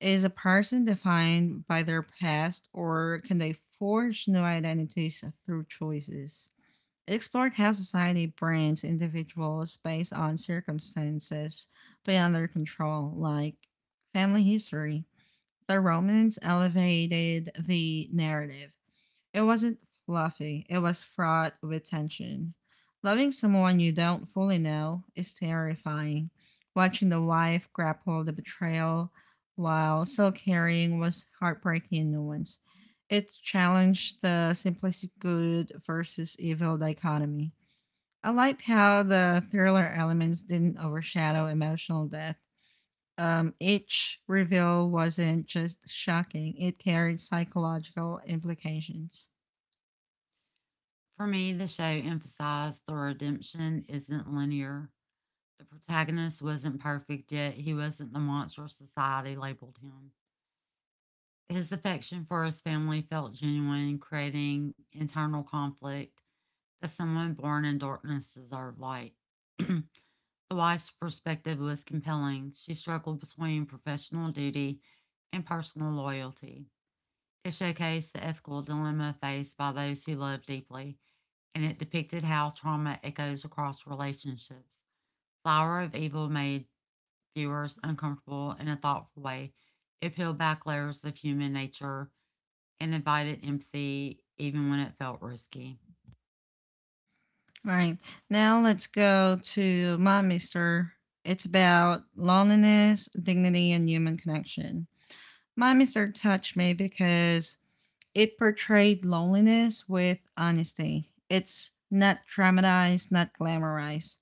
Speaker 1: is a person defined by their past, or can they forge new identities through choices? It explored how society brands individuals based on circumstances beyond their control, like family history. The Romans elevated the narrative. It wasn't fluffy, it was fraught with tension. Loving someone you don't fully know is terrifying. Watching the wife grapple the betrayal while still carrying was heartbreaking in nuance. It challenged the simplistic good versus evil dichotomy. I liked how the thriller elements didn't overshadow emotional depth. Each reveal wasn't just shocking, it carried psychological implications.
Speaker 2: For me, the show emphasized the redemption isn't linear. The protagonist wasn't perfect, yet he wasn't the monster society labeled him. His affection for his family felt genuine, creating internal conflict that someone born in darkness deserved light. The wife's perspective was compelling. She struggled between professional duty and personal loyalty. It showcased the ethical dilemma faced by those who love deeply and it depicted how trauma echoes across relationships. Flower of Evil made viewers uncomfortable in a thoughtful way. It peeled back layers of human nature and invited empathy even when it felt risky.
Speaker 1: All right. Now let's go to my mister. It's about loneliness, dignity, and human connection. My mister touched me because it portrayed loneliness with honesty. It's not dramatized, not glamorized.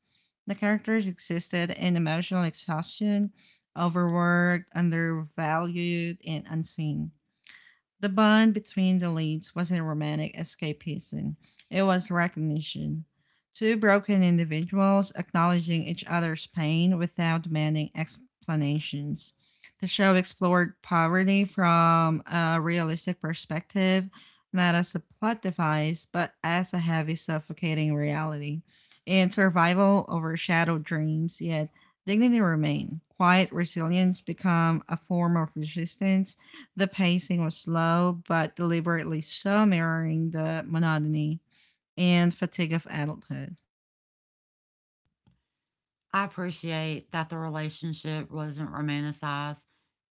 Speaker 1: The characters existed in emotional exhaustion, overworked, undervalued, and unseen. The bond between the leads wasn't romantic escapism, it was recognition. Two broken individuals acknowledging each other's pain without demanding explanations. The show explored poverty from a realistic perspective, not as a plot device, but as a heavy, suffocating reality. In survival overshadowed dreams, yet dignity remained. Quiet resilience became a form of resistance. The pacing was slow, but deliberately so, mirroring the monotony and fatigue of adulthood.
Speaker 2: I appreciate that the relationship wasn't romanticized.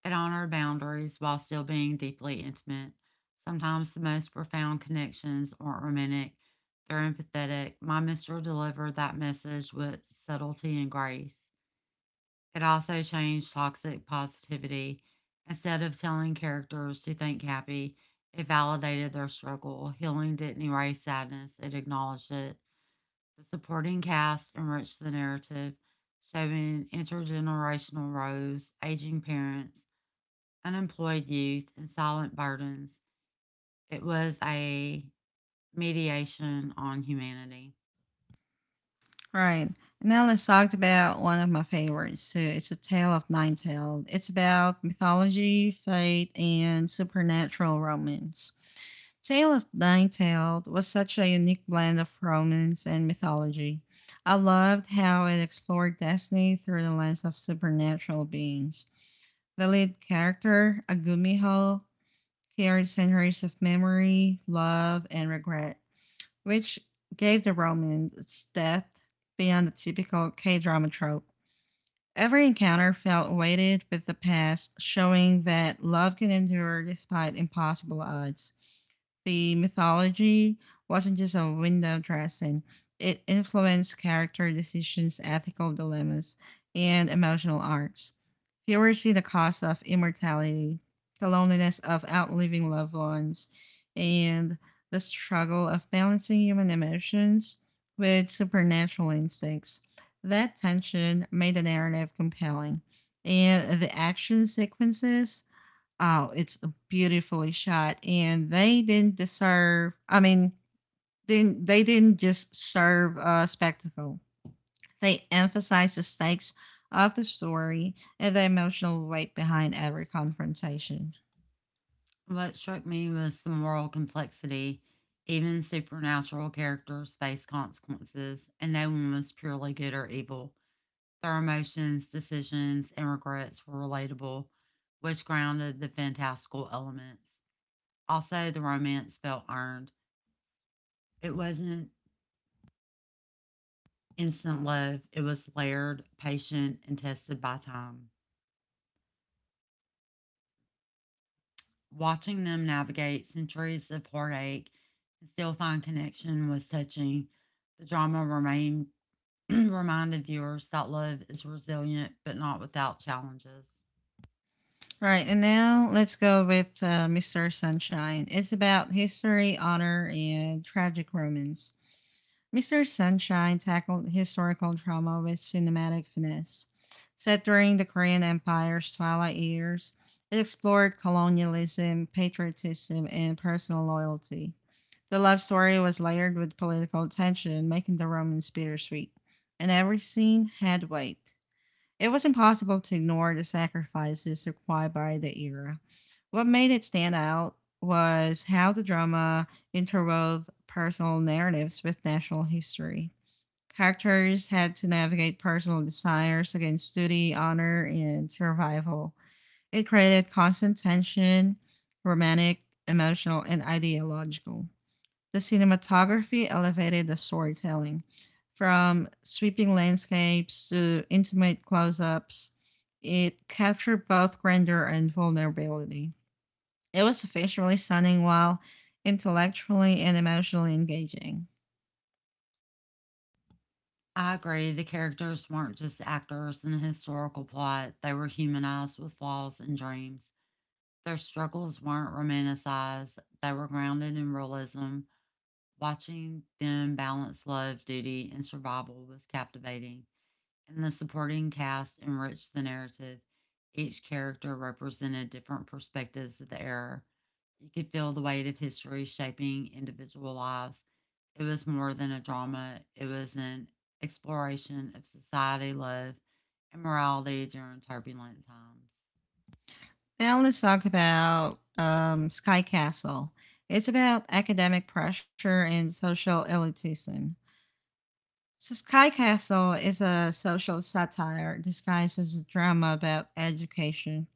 Speaker 2: It honored boundaries while still being deeply intimate. Sometimes the most profound connections aren't romantic, they're empathetic. My mister delivered that message with subtlety and grace. It also changed toxic positivity. Instead of telling characters to think happy, it validated their struggle. Healing didn't erase sadness, it acknowledged it. The supporting cast enriched the narrative, showing intergenerational roles, aging parents, unemployed youth, and silent burdens. It was a mediation on humanity.
Speaker 1: Right. Now let's talk about one of my favorites. So it's a tale of nine tailed. It's about mythology, fate, and supernatural romance. Tale of Nine Tailed was such a unique blend of romance and mythology. I loved how it explored destiny through the lens of supernatural beings. The lead character, Agumiho, carried centuries of memory, love, and regret, which gave the romance its depth beyond the typical K drama trope. Every encounter felt weighted with the past, showing that love can endure despite impossible odds. The mythology wasn't just a window dressing, it influenced character decisions, ethical dilemmas, and emotional arcs. Viewers see the cost of immortality, the loneliness of outliving loved ones, and the struggle of balancing human emotions with supernatural instincts. That tension made the narrative compelling, and the action sequences, oh, it's beautifully shot, and they didn't deserve. I mean, didn't they didn't just serve a spectacle. They emphasized the stakes of the story and the emotional weight behind every confrontation.
Speaker 2: What struck me was the moral complexity. Even supernatural characters face consequences, and no one was purely good or evil. Their emotions, decisions, and regrets were relatable, which grounded the fantastical elements. Also, the romance felt earned. It wasn't instant love, it was layered, patient, and tested by time. Watching them navigate centuries of heartache and still find connection was touching. The drama remained reminded viewers that love is resilient but not without challenges.
Speaker 1: Right, and now let's go with Mr. Sunshine. It's about history, honor, and tragic romance. Mr. Sunshine tackled historical trauma with cinematic finesse. Set during the Korean Empire's twilight years, it explored colonialism, patriotism, and personal loyalty. The love story was layered with political tension, making the romance bittersweet, and every scene had weight. It was impossible to ignore the sacrifices required by the era. What made it stand out was how the drama interwove personal narratives with national history. Characters had to navigate personal desires against duty, honor, and survival. It created constant tension, romantic, emotional, and ideological. The cinematography elevated the storytelling from sweeping landscapes to intimate close ups. It captured both grandeur and vulnerability. It was visually stunning while intellectually and emotionally engaging.
Speaker 2: I agree, the characters weren't just actors in a historical plot, they were humanized with flaws and dreams. Their struggles weren't romanticized, they were grounded in realism. Watching them balance love, duty, and survival was captivating. And the supporting cast enriched the narrative. Each character represented different perspectives of the era. You could feel the weight of history shaping individual lives. It was more than a drama, it was an exploration of society, love, and morality during turbulent times.
Speaker 1: Now let's talk about Sky Castle. It's about academic pressure and social elitism. So Sky Castle is a social satire disguised as a drama about education.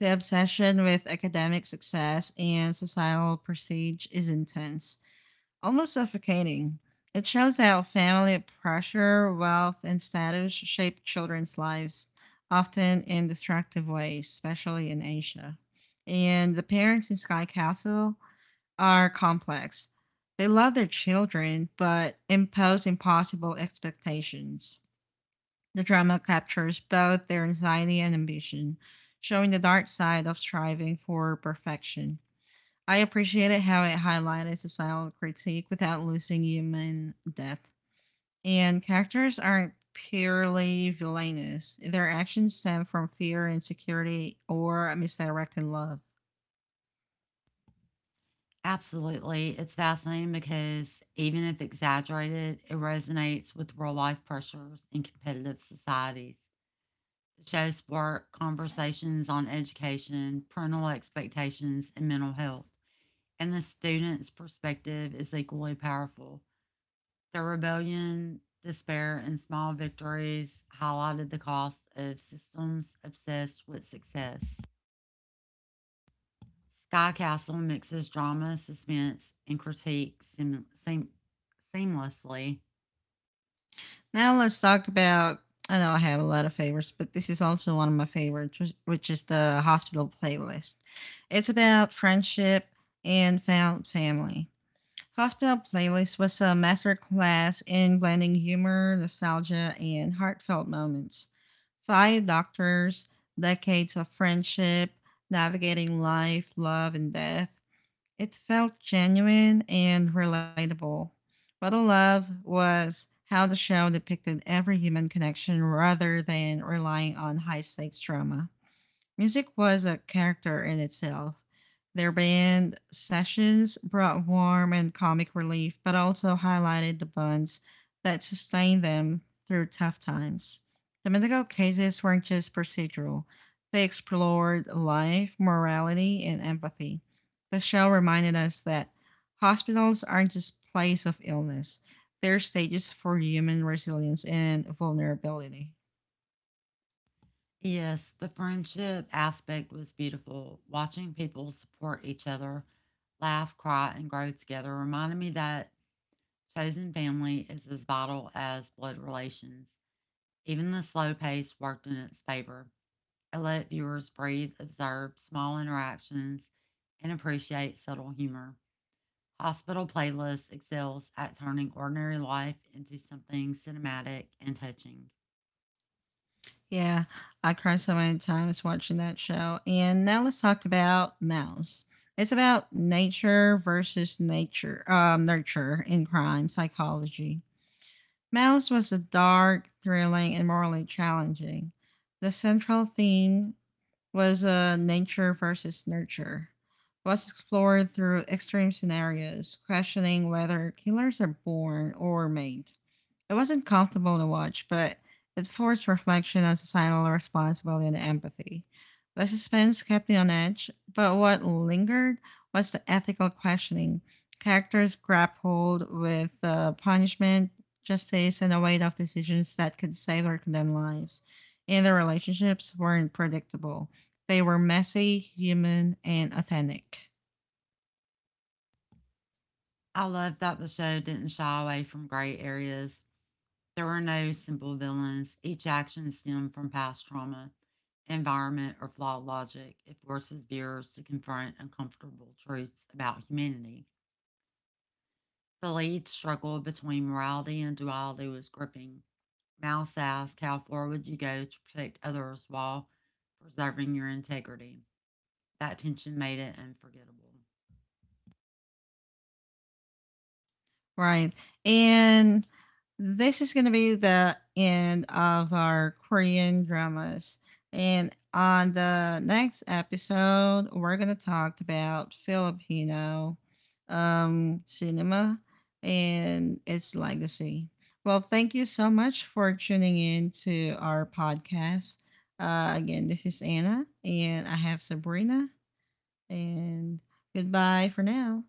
Speaker 1: The obsession with academic success and societal prestige is intense, almost suffocating. It shows how family pressure, wealth, and status shape children's lives, often in destructive ways, especially in Asia. And the parents in Sky Castle are complex. They love their children, but impose impossible expectations. The drama captures both their anxiety and ambition, showing the dark side of striving for perfection. I appreciated how it highlighted societal critique without losing human depth. And characters aren't purely villainous, their actions stem from fear, insecurity, or misdirected love.
Speaker 2: Absolutely. It's fascinating because even if exaggerated, it resonates with real life pressures in competitive societies. Shows work, conversations on education, parental expectations, and mental health. And the student's perspective is equally powerful. The rebellion, despair, and small victories highlighted the cost of systems obsessed with success. Sky Castle mixes drama, suspense, and seamlessly.
Speaker 1: Now let's talk about. I know I have a lot of favorites, but this is also one of my favorites, which is the hospital playlist. It's about friendship and found family. Hospital playlist was a masterclass in blending humor, nostalgia, and heartfelt moments. Five doctors, decades of friendship, navigating life, love, and death, it felt genuine and relatable. What I love was how the show depicted every human connection rather than relying on high stakes drama. Music was a character in itself. Their band sessions brought warmth and comic relief, but also highlighted the bonds that sustained them through tough times. The medical cases weren't just procedural, they explored life, morality, and empathy. The show reminded us that hospitals aren't just places of illness, they're stages for human resilience and vulnerability.
Speaker 2: Yes, the friendship aspect was beautiful. Watching people support each other, laugh, cry, and grow together reminded me that chosen family is as vital as blood relations. Even the slow pace worked in its favor. It let viewers breathe, observe small interactions, and appreciate subtle humor. Hospital Playlist excels at turning ordinary life into something cinematic and touching.
Speaker 1: Yeah, I cried so many times watching that show. And now let's talk about Mouse. It's about nature versus nurture in crime psychology. Mouse was a dark, thrilling, and morally challenging. The central theme was nature versus nurture. It was explored through extreme scenarios, questioning whether killers are born or made. It wasn't comfortable to watch, but it forced reflection on societal responsibility and empathy. The suspense kept me on edge, but what lingered was the ethical questioning. Characters grappled with punishment, justice, and the weight of decisions that could save or condemn lives. And their relationships weren't predictable. They were messy, human, and authentic.
Speaker 2: I love that the show didn't shy away from gray areas. There are no simple villains. Each action stemmed from past trauma, environment, or flawed logic. It forces viewers to confront uncomfortable truths about humanity. The lead struggle between morality and duality was gripping. Mouse asks, how far would you go to protect others while preserving your integrity? That tension made it unforgettable.
Speaker 1: Right. And this is going to be the end of our Korean dramas. And on the next episode, we're going to talk about Filipino cinema and its legacy. Well, thank you so much for tuning in to our podcast. Again, this is Anna, and I have Sabrina, and goodbye for now.